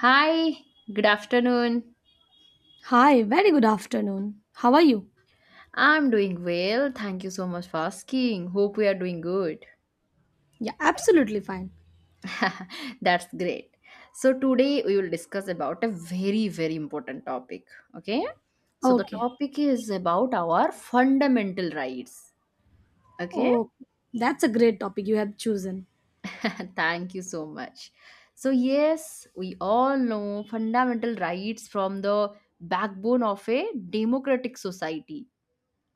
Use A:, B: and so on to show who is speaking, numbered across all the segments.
A: Hi, good afternoon.
B: Hi, very good afternoon. How are you?
A: I'm doing well. Thank you so much for asking. Hope we are doing good.
B: Yeah, absolutely fine.
A: That's great. So, today we will discuss about a very, very important topic. Okay. So, the
B: Okay.
A: topic is about our fundamental rights. Okay.
B: Oh, that's a great topic you have chosen.
A: Thank you so much. So, yes, we all know fundamental rights from the backbone of a democratic society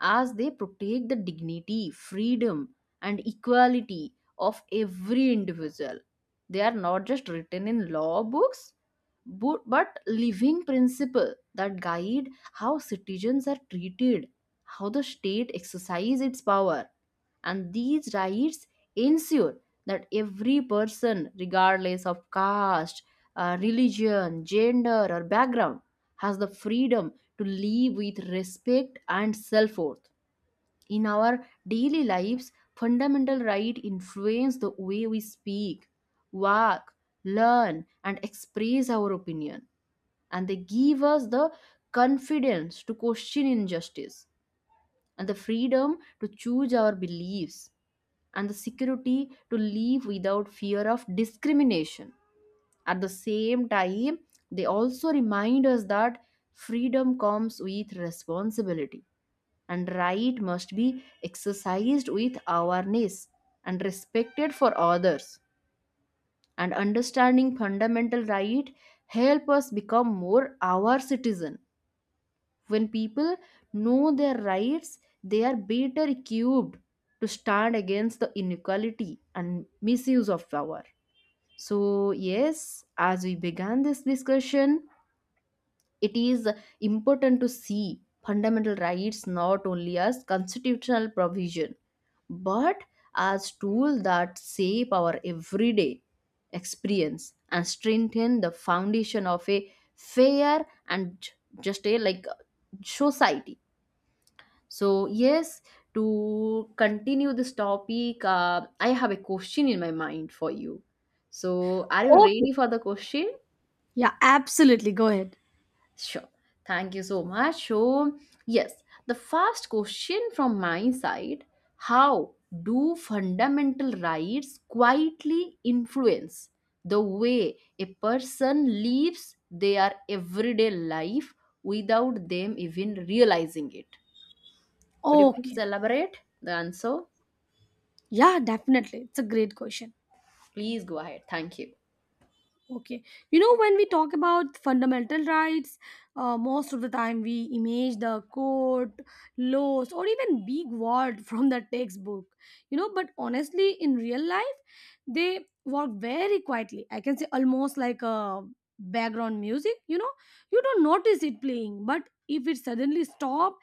A: as they protect the dignity, freedom, and equality of every individual. They are not just written in law books, but living principle that guide how citizens are treated, how the state exercises its power, and these rights ensure that every person, regardless of caste, religion, gender, or background, has the freedom to live with respect and self worth. In our daily lives, fundamental rights influence the way we speak, walk, learn, and express our opinion, and they give us the confidence to question injustice and the freedom to choose our beliefs, and the security to live without fear of discrimination. At the same time, they also remind us that freedom comes with responsibility, and right must be exercised with awareness and respected for others. And understanding fundamental right help us become more aware citizen when people know their rights, they are better equipped to stand against the inequality and misuse of power. So, yes, as we began this discussion, it is important to see fundamental rights not only as constitutional provision but as tools that shape our everyday experience and strengthen the foundation of a fair and just a like society. So, yes, to continue this topic, I have a question in my mind for you. So, are you
B: Okay.
A: ready for the question?
B: Yeah, absolutely. Go ahead.
A: Sure. Thank you so much. So, yes, the first question from my side, how do fundamental rights quietly influence the way a person lives their everyday life without them even realizing it? Could you please
B: Okay.
A: elaborate the answer?
B: Yeah, definitely. It's a great question.
A: Please go ahead. Thank you.
B: Okay. You know, when we talk about fundamental rights, most of the time we image the code, laws, or even big word from the textbook. You know, but honestly, in real life, they work very quietly. I can say almost like a background music. You know, you don't notice it playing, but if it suddenly stop,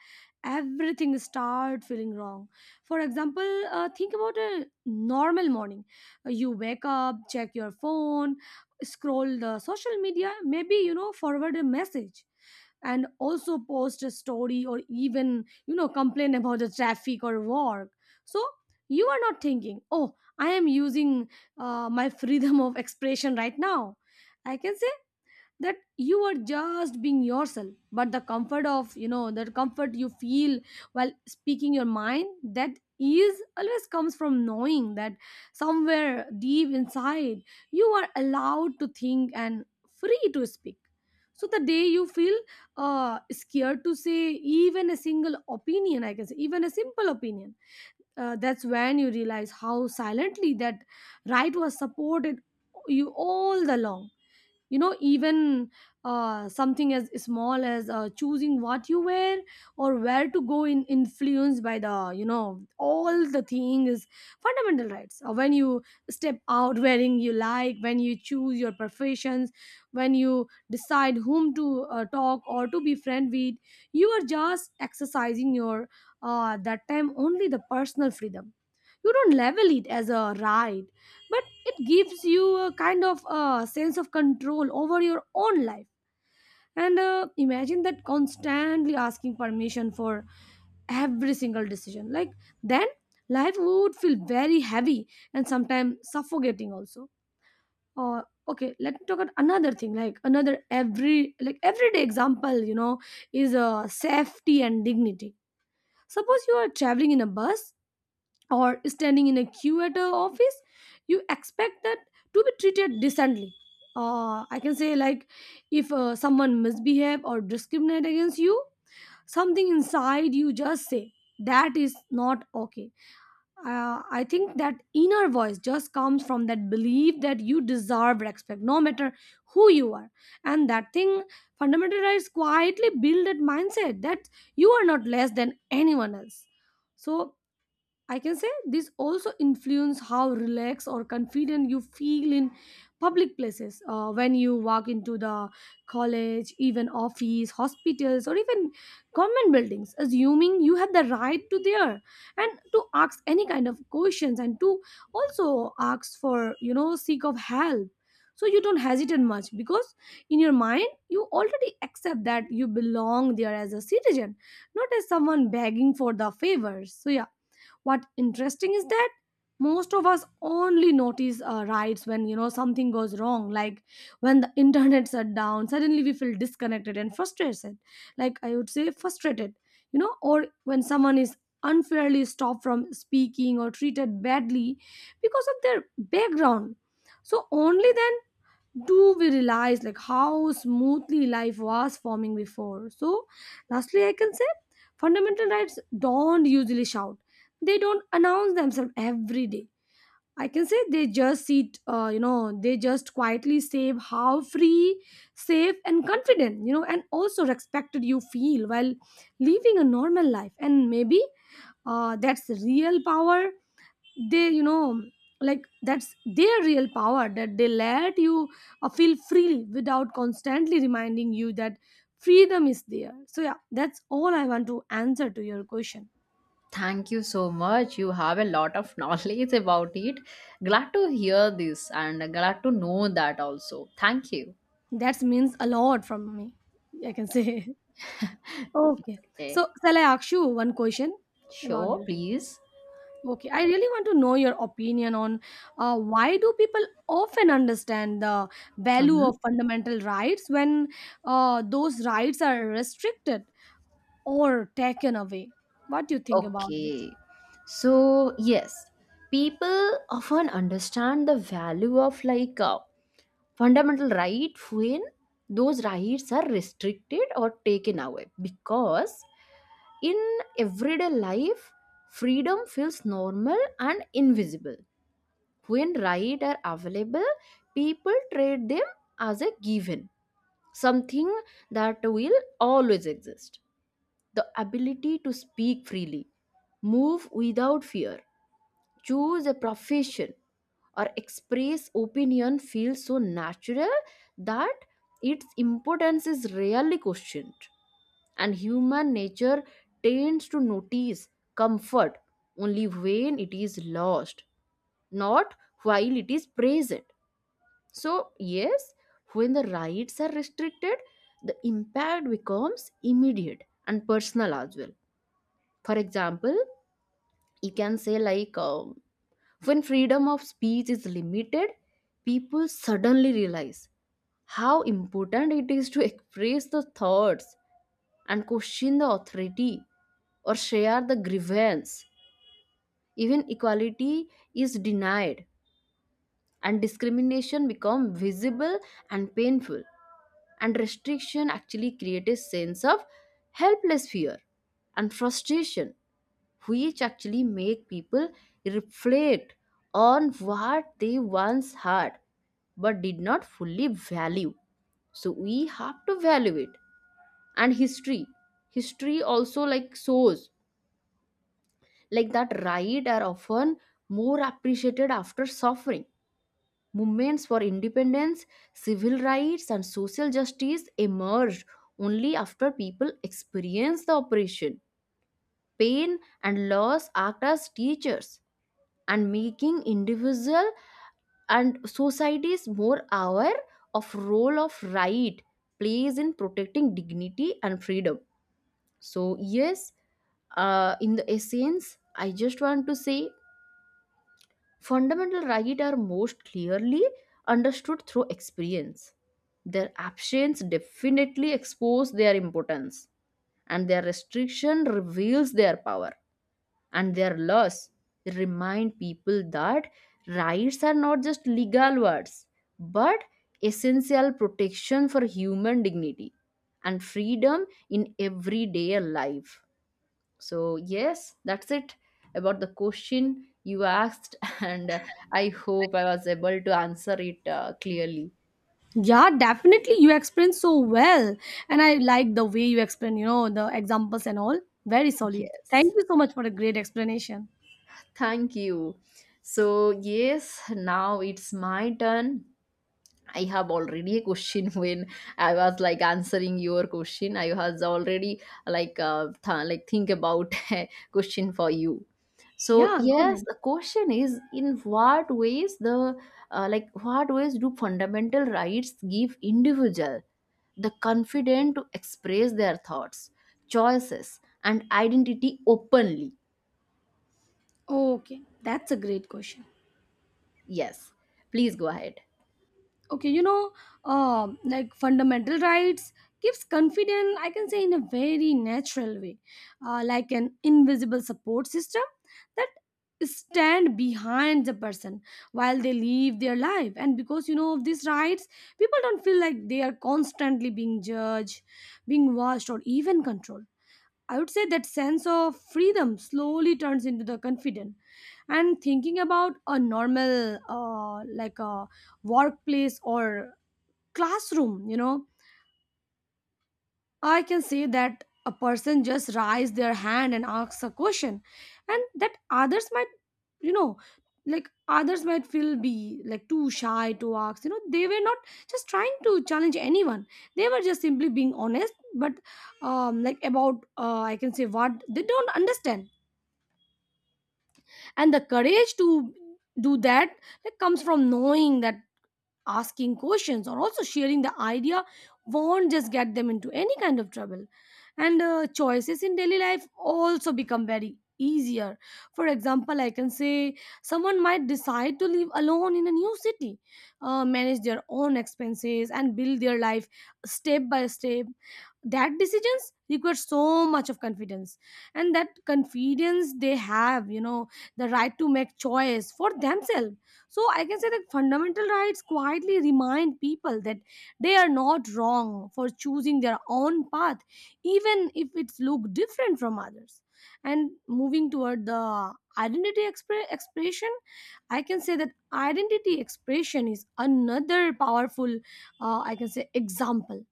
B: everything start feeling wrong. For example, think about a normal morning. You wake up, check your phone, scroll the social media, maybe, you know, forward a message, and also post a story, or even, you know, complain about the traffic or work. So you are not thinking, oh, I am using my freedom of expression right now. I can say that you are just being yourself, but the comfort of, you know, the comfort you feel while speaking your mind, that is always comes from knowing that somewhere deep inside you are allowed to think and free to speak. So the day you feel scared to say even a single opinion, I can say even a simple opinion, that's when you realize how silently that right was supported you all the long. You know, even something as small as choosing what you wear or where to go in influenced by the, you know, all the things, fundamental rights. When you step out wearing you like, when you choose your professions, when you decide whom to talk or to be friend with, you are just exercising your that time only the personal freedom. You don't level it as a right, but it gives you a kind of sense of control over your own life. And imagine that constantly asking permission for every single decision, like then life would feel very heavy and sometimes suffocating also. Or okay, let me talk about another thing, like another every like everyday example, you know, is safety and dignity. Suppose you are traveling in a bus or standing in a queue at a office. You expect that to be treated decently. I can say like, if someone misbehave or discriminate against you, something inside you just say that is not okay. I think that inner voice just comes from that belief that you deserve respect, no matter who you are. And that thing, fundamental rights quietly build that mindset that you are not less than anyone else. So I can say this also influence how relaxed or confident you feel in public places. When you walk into the college, even office, hospitals, or even government buildings, assuming you have the right to there and to ask any kind of questions and to also ask for, you know, seek of help. So you don't hesitate much, because in your mind you already accept that you belong there as a citizen, not as someone begging for the favors. So yeah, what interesting is that most of us only notice rights when, you know, something goes wrong, like when the internet shut down suddenly, we feel disconnected and frustrated, like I would say frustrated. You know, or when someone is unfairly stopped from speaking or treated badly because of their background. So only then do we realize like how smoothly life was forming before. So lastly I can say fundamental rights don't usually shout, they don't announce themselves every day. I can say they just sit, they just quietly say how free, safe and confident, you know, and also respected you feel while living a normal life. And maybe that's the real power. They, you know, like that's their real power, that they let you feel freely without constantly reminding you that freedom is there. So yeah, that's all I want to answer to your question.
A: Thank you so much. You have a lot of knowledge about it. Glad to hear this and glad to know that also. Thank you.
B: That means a lot from me, I can say. Okay.
A: Okay.
B: So shall I ask you one question about
A: Sure,
B: this?
A: please.
B: Okay, I really want to know your opinion on why do people often understand the value
A: Mm-hmm.
B: of fundamental rights when those rights are restricted or taken away. What do you think about this?
A: Okay. So, yes, people often understand the value of like a fundamental right when those rights are restricted or taken away because in everyday life, freedom feels normal and invisible. When rights are available, people treat them as a given, something that will always exist. The ability to speak freely, move without fear, choose a profession, or express opinion feels so natural that its importance is rarely questioned. And human nature tends to notice comfort only when it is lost, not while it is present. So, yes, when the rights are restricted, the impact becomes immediate and personal as well. For example, you can say, like, when freedom of speech is limited, people suddenly realize how important it is to express the thoughts and question the authority or share the grievance. Even equality is denied and discrimination become visible and painful. And restriction actually create a sense of helpless fear and frustration, which actually make people reflect on what they once had but did not fully value, so we have to value it. And history also like shows like that right are often more appreciated after suffering. Movements for independence, civil rights, and social justice emerged only after people experienced the oppression. Pain and loss act as teachers and making individual and societies more aware of role of right plays in protecting dignity and freedom. So yes, in the essence, I just want to say fundamental rights are most clearly understood through experience. Their absence definitely exposes their importance, and their restriction reveals their power. And their loss remind people that rights are not just legal words, but essential protection for human dignity and freedom in everyday life. So, yes, that's it about the question you asked, and I hope I was able to answer it clearly.
B: Yeah, definitely. You explained so well. And I like the way you explain, you know, the examples and all. Very solid. Thank
A: Yes,
B: you so much for a great explanation.
A: thank you. So, yes, now it's my turn. I have already a question when I was like answering your question. I was already like like think about a question for you. So
B: Yeah, go
A: yes,
B: ahead.
A: the question is in what ways the like what ways do fundamental rights give individual the confidence to express their thoughts, choices, and identity openly?
B: Okay, that's a great question.
A: Yes, please go ahead.
B: Okay, you know, like fundamental rights gives confidence, I can say, in a very natural way, like an invisible support system that stand behind the person while they live their life. And because, you know, of these rights, people don't feel like they are constantly being judged, being watched, or even controlled. I would say that sense of freedom slowly turns into the confident. And thinking about a normal, like a workplace or classroom, you know, I can say that a person just raise their hand and asks a question, and that others might, you know, like others might feel be like too shy to ask. You know, they were not just trying to challenge anyone. They were just simply being honest, but like about, I can say, what they don't understand. And the courage to do that, that comes from knowing that asking questions or also sharing the idea won't just get them into any kind of trouble. And choices in daily life also become very easier. For example, I can say someone might decide to live alone in a new city, manage their own expenses and build their life step by step. That decisions require so much of confidence, and that confidence they have, you know, the right to make choice for themselves. So I can say that fundamental rights quietly remind people that they are not wrong for choosing their own path, even if it's look different from others. And moving toward the identity expression, I can say that identity expression is another powerful, I can say, example.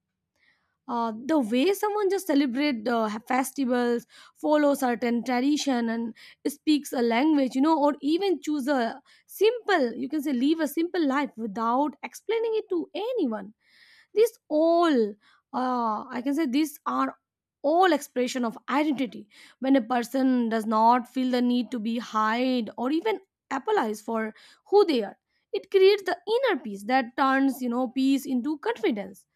B: The way someone just celebrate festivals, follow certain tradition and speaks a language, you know, or even choose a simple, you can say, live a simple life without explaining it to anyone, this all, I can say, these are all expression of identity. When a person does not feel the need to be hide or even apologize for who they are, it creates the inner peace that turns, you know, peace into confidence.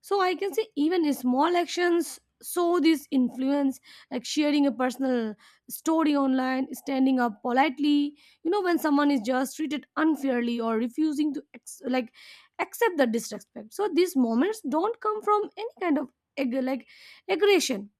B: So I can say even small actions show this influence, like sharing a personal story online, standing up politely, you know, when someone is just treated unfairly, or refusing to accept the disrespect. So these moments don't come from any kind of ag- like aggression.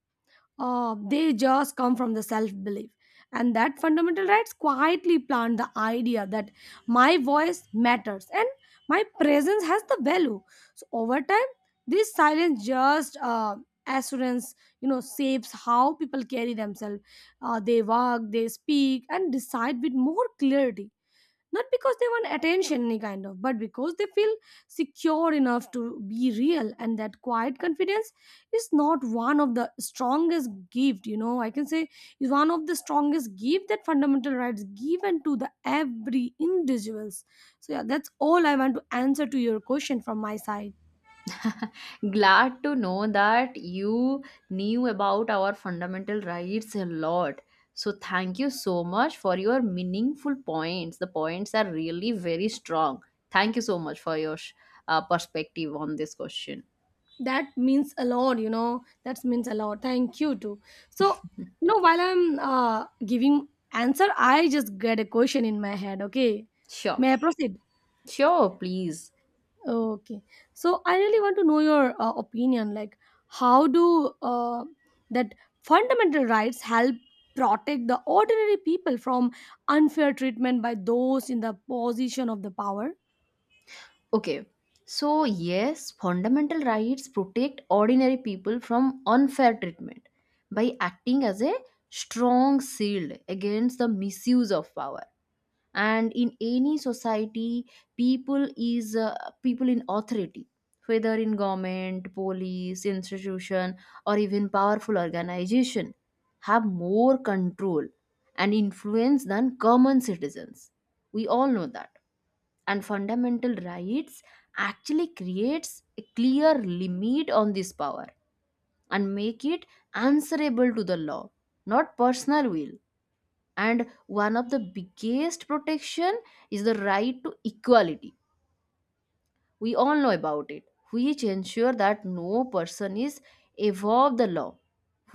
B: They just come from the self belief. And that fundamental rights quietly plant the idea that my voice matters and my presence has the value. So over time, this silence just assurance, you know, shapes how people carry themselves. They walk, they speak, and decide with more clarity, not because they want attention any kind of, but because they feel secure enough to be real. And that quiet confidence is not one of the strongest gift you know I can say is one of the strongest gift that fundamental rights given to the every individuals. So yeah, that's all I want to answer to your question from my side.
A: Glad to know that you knew about our fundamental rights a lot. So, thank you so much for your meaningful points. The points are really very strong. Thank you so much for your perspective on this question.
B: That means a lot, you know, that means a lot. Thank you too. So, you know, while I'm giving answer, I just get a question in my head. Okay,
A: Sure,
B: may I proceed?
A: sure, please.
B: Okay. So I really want to know your opinion. Like, how do that fundamental rights help protect the ordinary people from unfair treatment by those in the position of the power?
A: Okay. So, yes, fundamental rights protect ordinary people from unfair treatment by acting as a strong shield against the misuse of power. And in any society, people is uh, people in authority, whether in government, police, institution or even powerful organization, have more control and influence than common citizens, we all know that. And fundamental rights actually creates a clear limit on this power and make it answerable to the law, not personal will. And one of the biggest protection is the right to equality, we all know about it, which ensure that no person is above the law.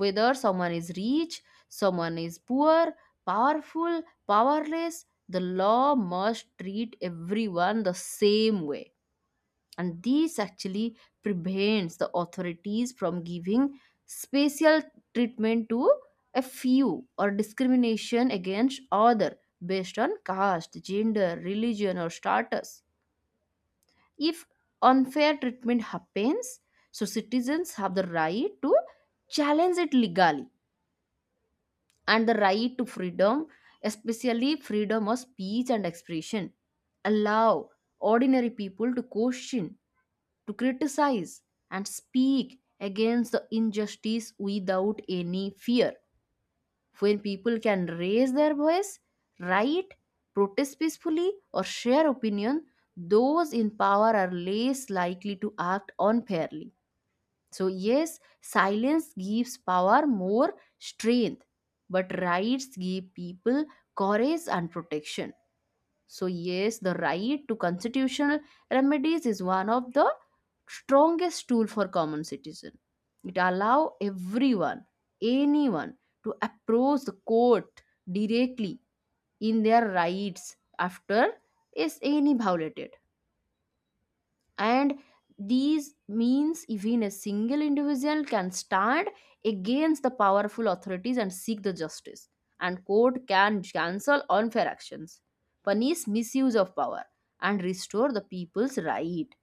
A: Whether someone is rich, someone is poor, powerful, powerless, the law must treat everyone the same way. And this actually prevents the authorities from giving special treatment to a few or discrimination against other based on caste, gender, religion, or status. If unfair treatment happens, so citizens have the right to challenge it legally. And the right to freedom, especially freedom of speech and expression, allow ordinary people to question, to criticize, and speak against the injustice without any fear. When people can raise their voice, write, protest peacefully, or share opinion, those in power are less likely to act unfairly. So, yes, silence gives power more strength, but rights give people courage and protection. So yes, the right to constitutional remedies is one of the strongest tool for common citizen. It allow everyone, anyone, to approach the court directly in their rights after is any violated. And these means even a single individual can stand against the powerful authorities and seek the justice. And court can cancel unfair actions, punish misuse of power, and restore the people's right.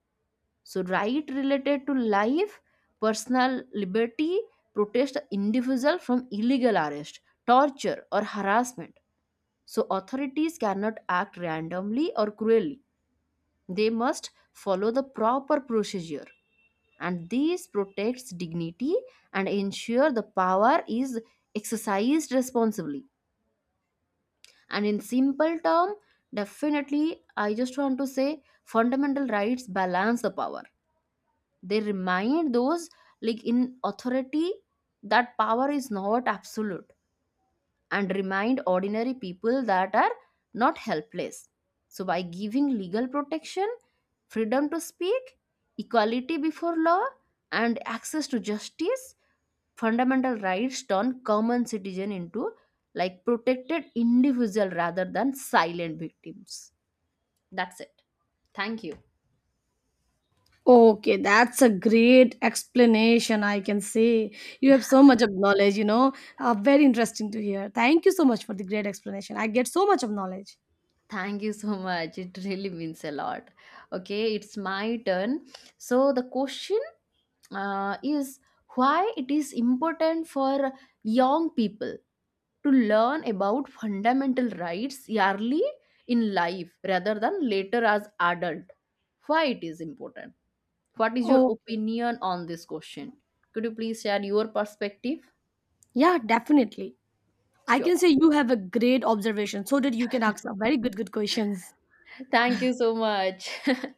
A: So right related to life, personal liberty, protect the individual from illegal arrest, torture, or harassment, so authorities cannot act randomly or cruelly, they must follow the proper procedure. And this protects dignity and ensure the power is exercised responsibly. And in simple term, definitely I just want to say fundamental rights balance the power. They remind those like in authority that power is not absolute, and remind ordinary people that are not helpless. So, by giving legal protection, freedom to speak, equality before law, and access to justice, fundamental rights turn common citizen into like protected individual rather than silent victims. That's it. Thank you.
B: Okay, that's a great explanation. I can say you have so much of knowledge. You know, very interesting to hear. Thank you so much for the great explanation. I get so much of knowledge.
A: Thank you so much. It really means a lot. Okay, it's my turn. So the question is why it is important for young people to learn about fundamental rights early in life rather than later as adult. Why it is important? What is your
B: Oh.
A: opinion on this question? Could you please share your perspective?
B: Yeah, definitely. I
A: Sure.
B: can say you have a great observation, so that you can ask a very good questions.
A: Thank you so much.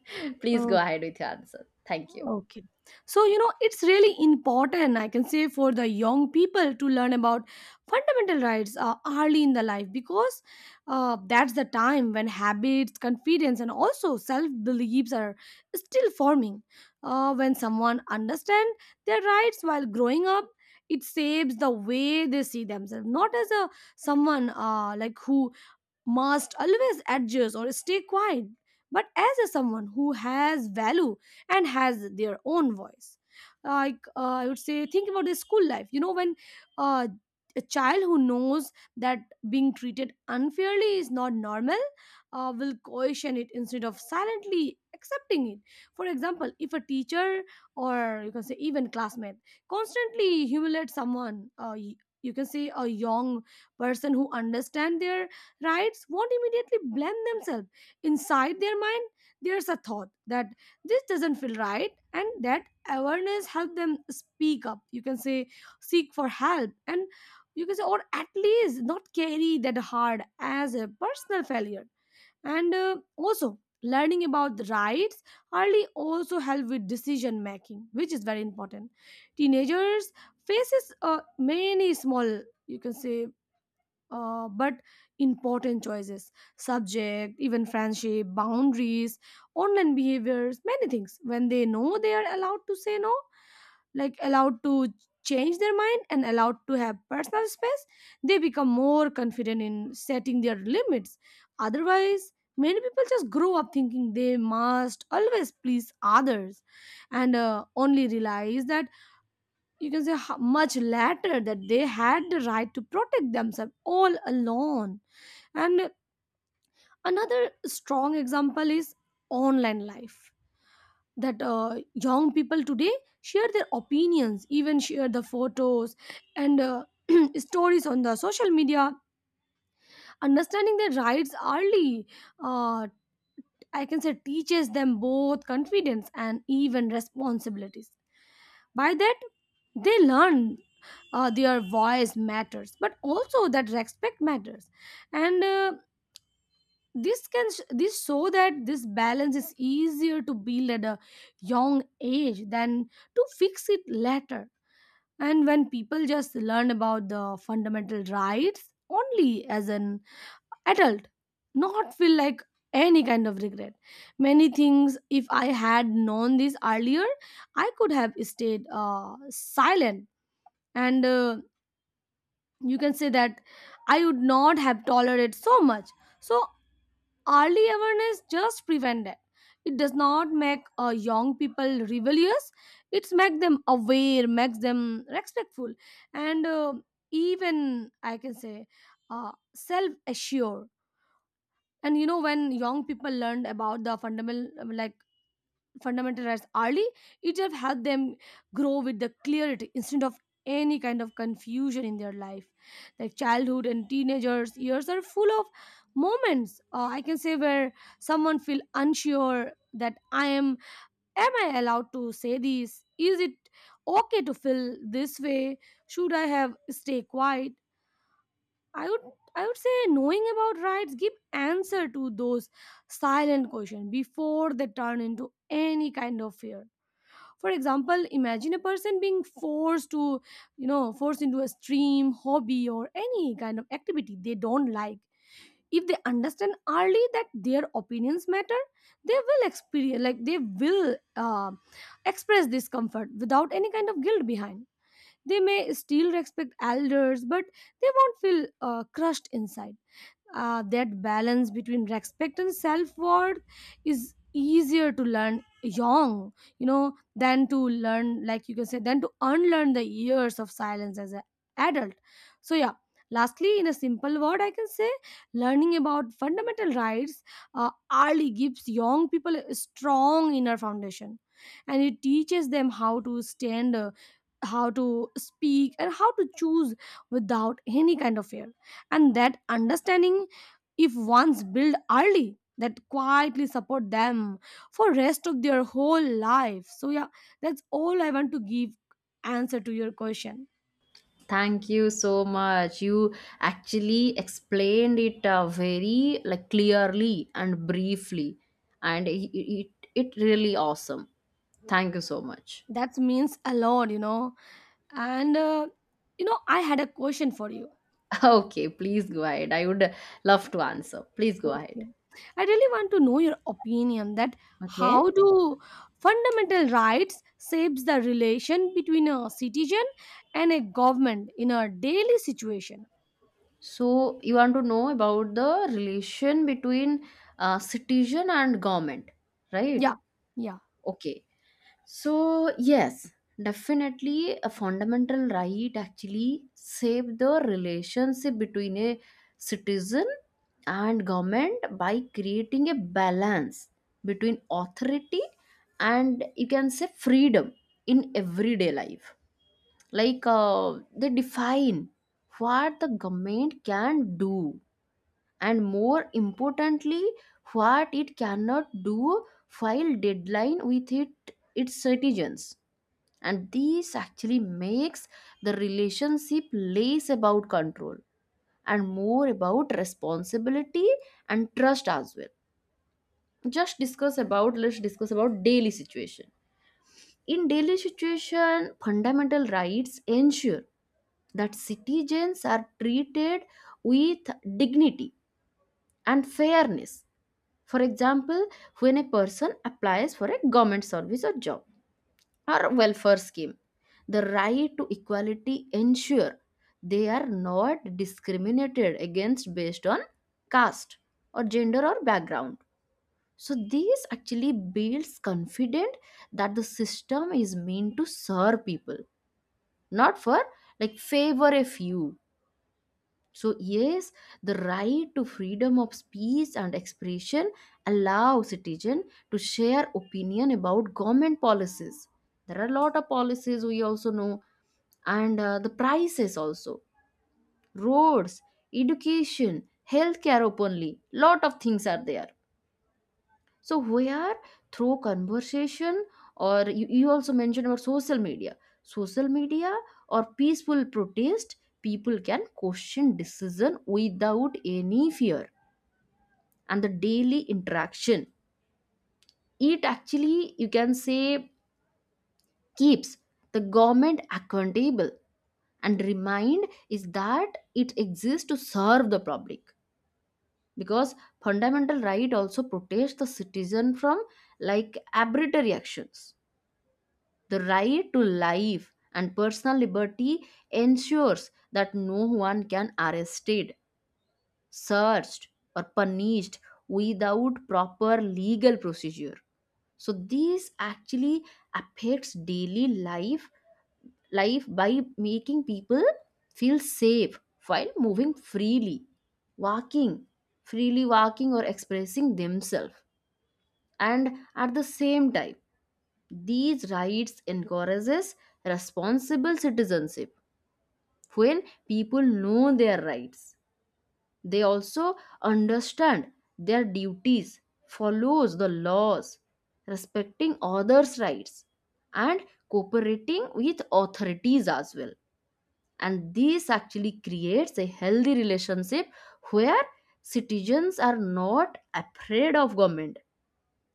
A: Please go
B: Oh,
A: ahead with your answer. Thank you.
B: okay. So, you know, it's really important, I can say, for the young people to learn about fundamental rights early in the life, because that's the time when habits, confidence, and also self beliefs are still forming. When someone understands their rights while growing up, it saves the way they see themselves, not as a someone like who must always adjust or stay quiet, but as a someone who has value and has their own voice. Like, I would say, think about the school life, you know, when uh, a child who knows that being treated unfairly is not normal will question it instead of silently accepting it. For example, if a teacher, or you can say even classmate, constantly humiliates someone, you can say a young person who understand their rights won't immediately blend themselves. Inside their mind there's a thought that this doesn't feel right, and that awareness help them speak up, you can say seek for help, and you can say or at least not carry that hard as a personal failure. And also learning about the rights early also help with decision making, which is very important. Teenagers faces many small, you can say, but important choices, subject even friendship boundaries, online behaviors, many things. When they know they are allowed to say no, like allowed to change their mind and allowed to have personal space, they become more confident in setting their limits. Otherwise, many people just grow up thinking they must always please others, and only realize that, you can say, how much later that they had the right to protect themselves all alone. And another strong example is online life, that young people today share their opinions, even share the photos and stories on the social media. Understanding their rights early, uh, I can say, teaches them both confidence and even responsibilities. By that, they learn their voice matters, but also that respect matters. And this show that this balance is easier to build at a young age than to fix it later. And when people just learn about the fundamental rights only as an adult, not feel like any kind of regret, many things, if I had known this earlier, I could have stayed silent, and you can say that I would not have tolerated so much. So early awareness just prevent that. It does not make young people rebellious, it's make them aware, makes them respectful and even I can say self assured. And you know, when young people learn about the fundamental, like fundamental rights early, it will help them grow with the clarity instead of any kind of confusion in their life. Like childhood and teenagers years are full of moments, I can say, where someone feel unsure that I am I allowed to say this, is it okay to feel this way, should I have stay quiet. I would I would say knowing about rights give answer to those silent questions before they turn into any kind of fear. For example, imagine a person being forced to, you know, forced into a stream hobby or any kind of activity they don't like. If they understand early that their opinions matter, they will experience, like they will express discomfort without any kind of guilt behind. They may still respect elders, but they won't feel crushed inside. That balance between respect and self-worth is easier to learn young, you know, than to learn, like you can say, than to unlearn the years of silence as an adult. So yeah, lastly, in a simple word, I can say learning about fundamental rights early gives young people a strong inner foundation, and it teaches them how to stand, how to speak and how to choose without any kind of fear. And that understanding, if once built early, that quietly support them for rest of their whole life. So yeah, that's all I want to give answer to your question.
A: Thank you so much. You actually explained it very like clearly and briefly, and it really awesome. Thank you so much.
B: That means a lot, you know. And you know, I had a question for you.
A: Okay, please go ahead. I would love to answer. Please go ahead.
B: Okay, I really want to know your opinion that how
A: Okay.
B: do fundamental rights shapes the relation between a citizen and a government in a daily situation.
A: So you want to know about the relation between citizen and government, right?
B: Yeah, yeah.
A: Okay. So, yes, definitely a fundamental right actually save the relationship between a citizen and government by creating a balance between authority and you can say freedom in everyday life. Like they define what the government can do, and more importantly what it cannot do while deadline with it its citizens. And this actually makes the relationship less about control and more about responsibility and trust as well. Just discuss about, let's discuss about daily situation. In daily situation, fundamental rights ensure that citizens are treated with dignity and fairness. For example, when a person applies for a government service or job or welfare scheme. The right to equality ensure they are not discriminated against based on caste or gender or background. So this actually builds confidence that the system is meant to serve people, not for like favor a few. So, yes, the right to freedom of speech and expression allows citizen to share opinion about government policies. There are a lot of policies we also know, and the prices also, roads, education, healthcare openly, lot of things are there. So we are through conversation, or you also mentioned about social media. Social media or peaceful protest, people can question decision without any fear. And the daily interaction, it actually you can say keeps the government accountable and remind is that it exists to serve the public. Because fundamental right also protects the citizen from like arbitrary actions. The right to life and personal liberty ensures that no one can arrested, searched, or punished without proper legal procedure. So this actually affects daily life by making people feel safe while moving walking, freely walking or expressing themselves. And at the same time, these rights encourages responsible citizenship. When people know their rights, they also understand their duties, follows the laws, respecting others' rights, and cooperating with authorities as well. And this actually creates a healthy relationship where citizens are not afraid of government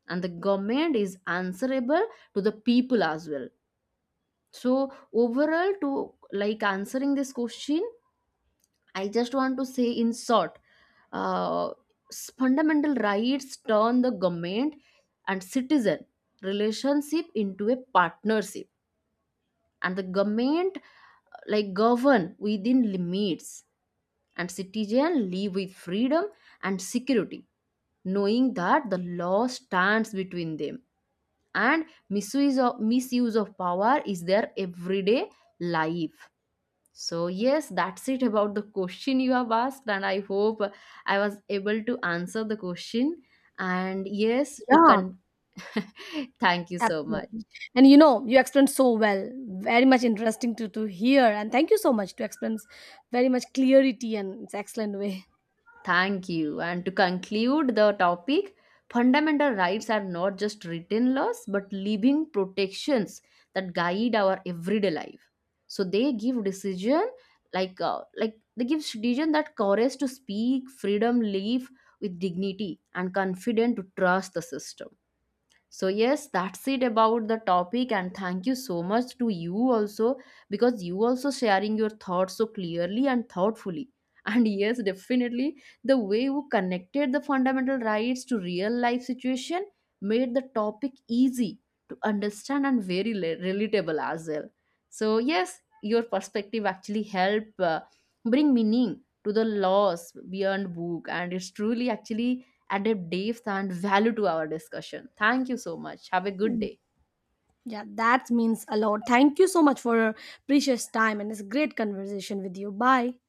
A: and the government is answerable to the people as well. So overall, to like answering this question, I just want to say in short, uh, fundamental rights turn the government and citizen relationship into a partnership, and the government like govern within limits, and citizen live with freedom and security, knowing that the law stands between them, and misuse of power is their everyday life. So, yes, that's it about the question you have asked, and I hope I was able to answer the question. And yes, to
B: Yeah,
A: con thank you so much.
B: absolutely. And you know, you explained so well. Very much interesting to hear. And thank you so much to explain s- very much clarity and it's excellent way.
A: Thank you. And to conclude the topic, fundamental rights are not just written laws but living protections that guide our everyday life. So they give decision like they give decision that courage to speak, freedom live with dignity, and confident to trust the system. So, yes, that's it about the topic. And thank you so much to you also because you also sharing your thoughts so clearly and thoughtfully. And yes, definitely, the way you connected the fundamental rights to real life situation made the topic easy to understand and very relatable as well. So, yes, your perspective actually help bring meaning to the laws beyond book and it's truly actually added depth and value to our discussion. Thank you so much. Have a good
B: Mm.
A: day.
B: Yeah, that means a lot. Thank you so much for your precious time and this great conversation with you. Bye.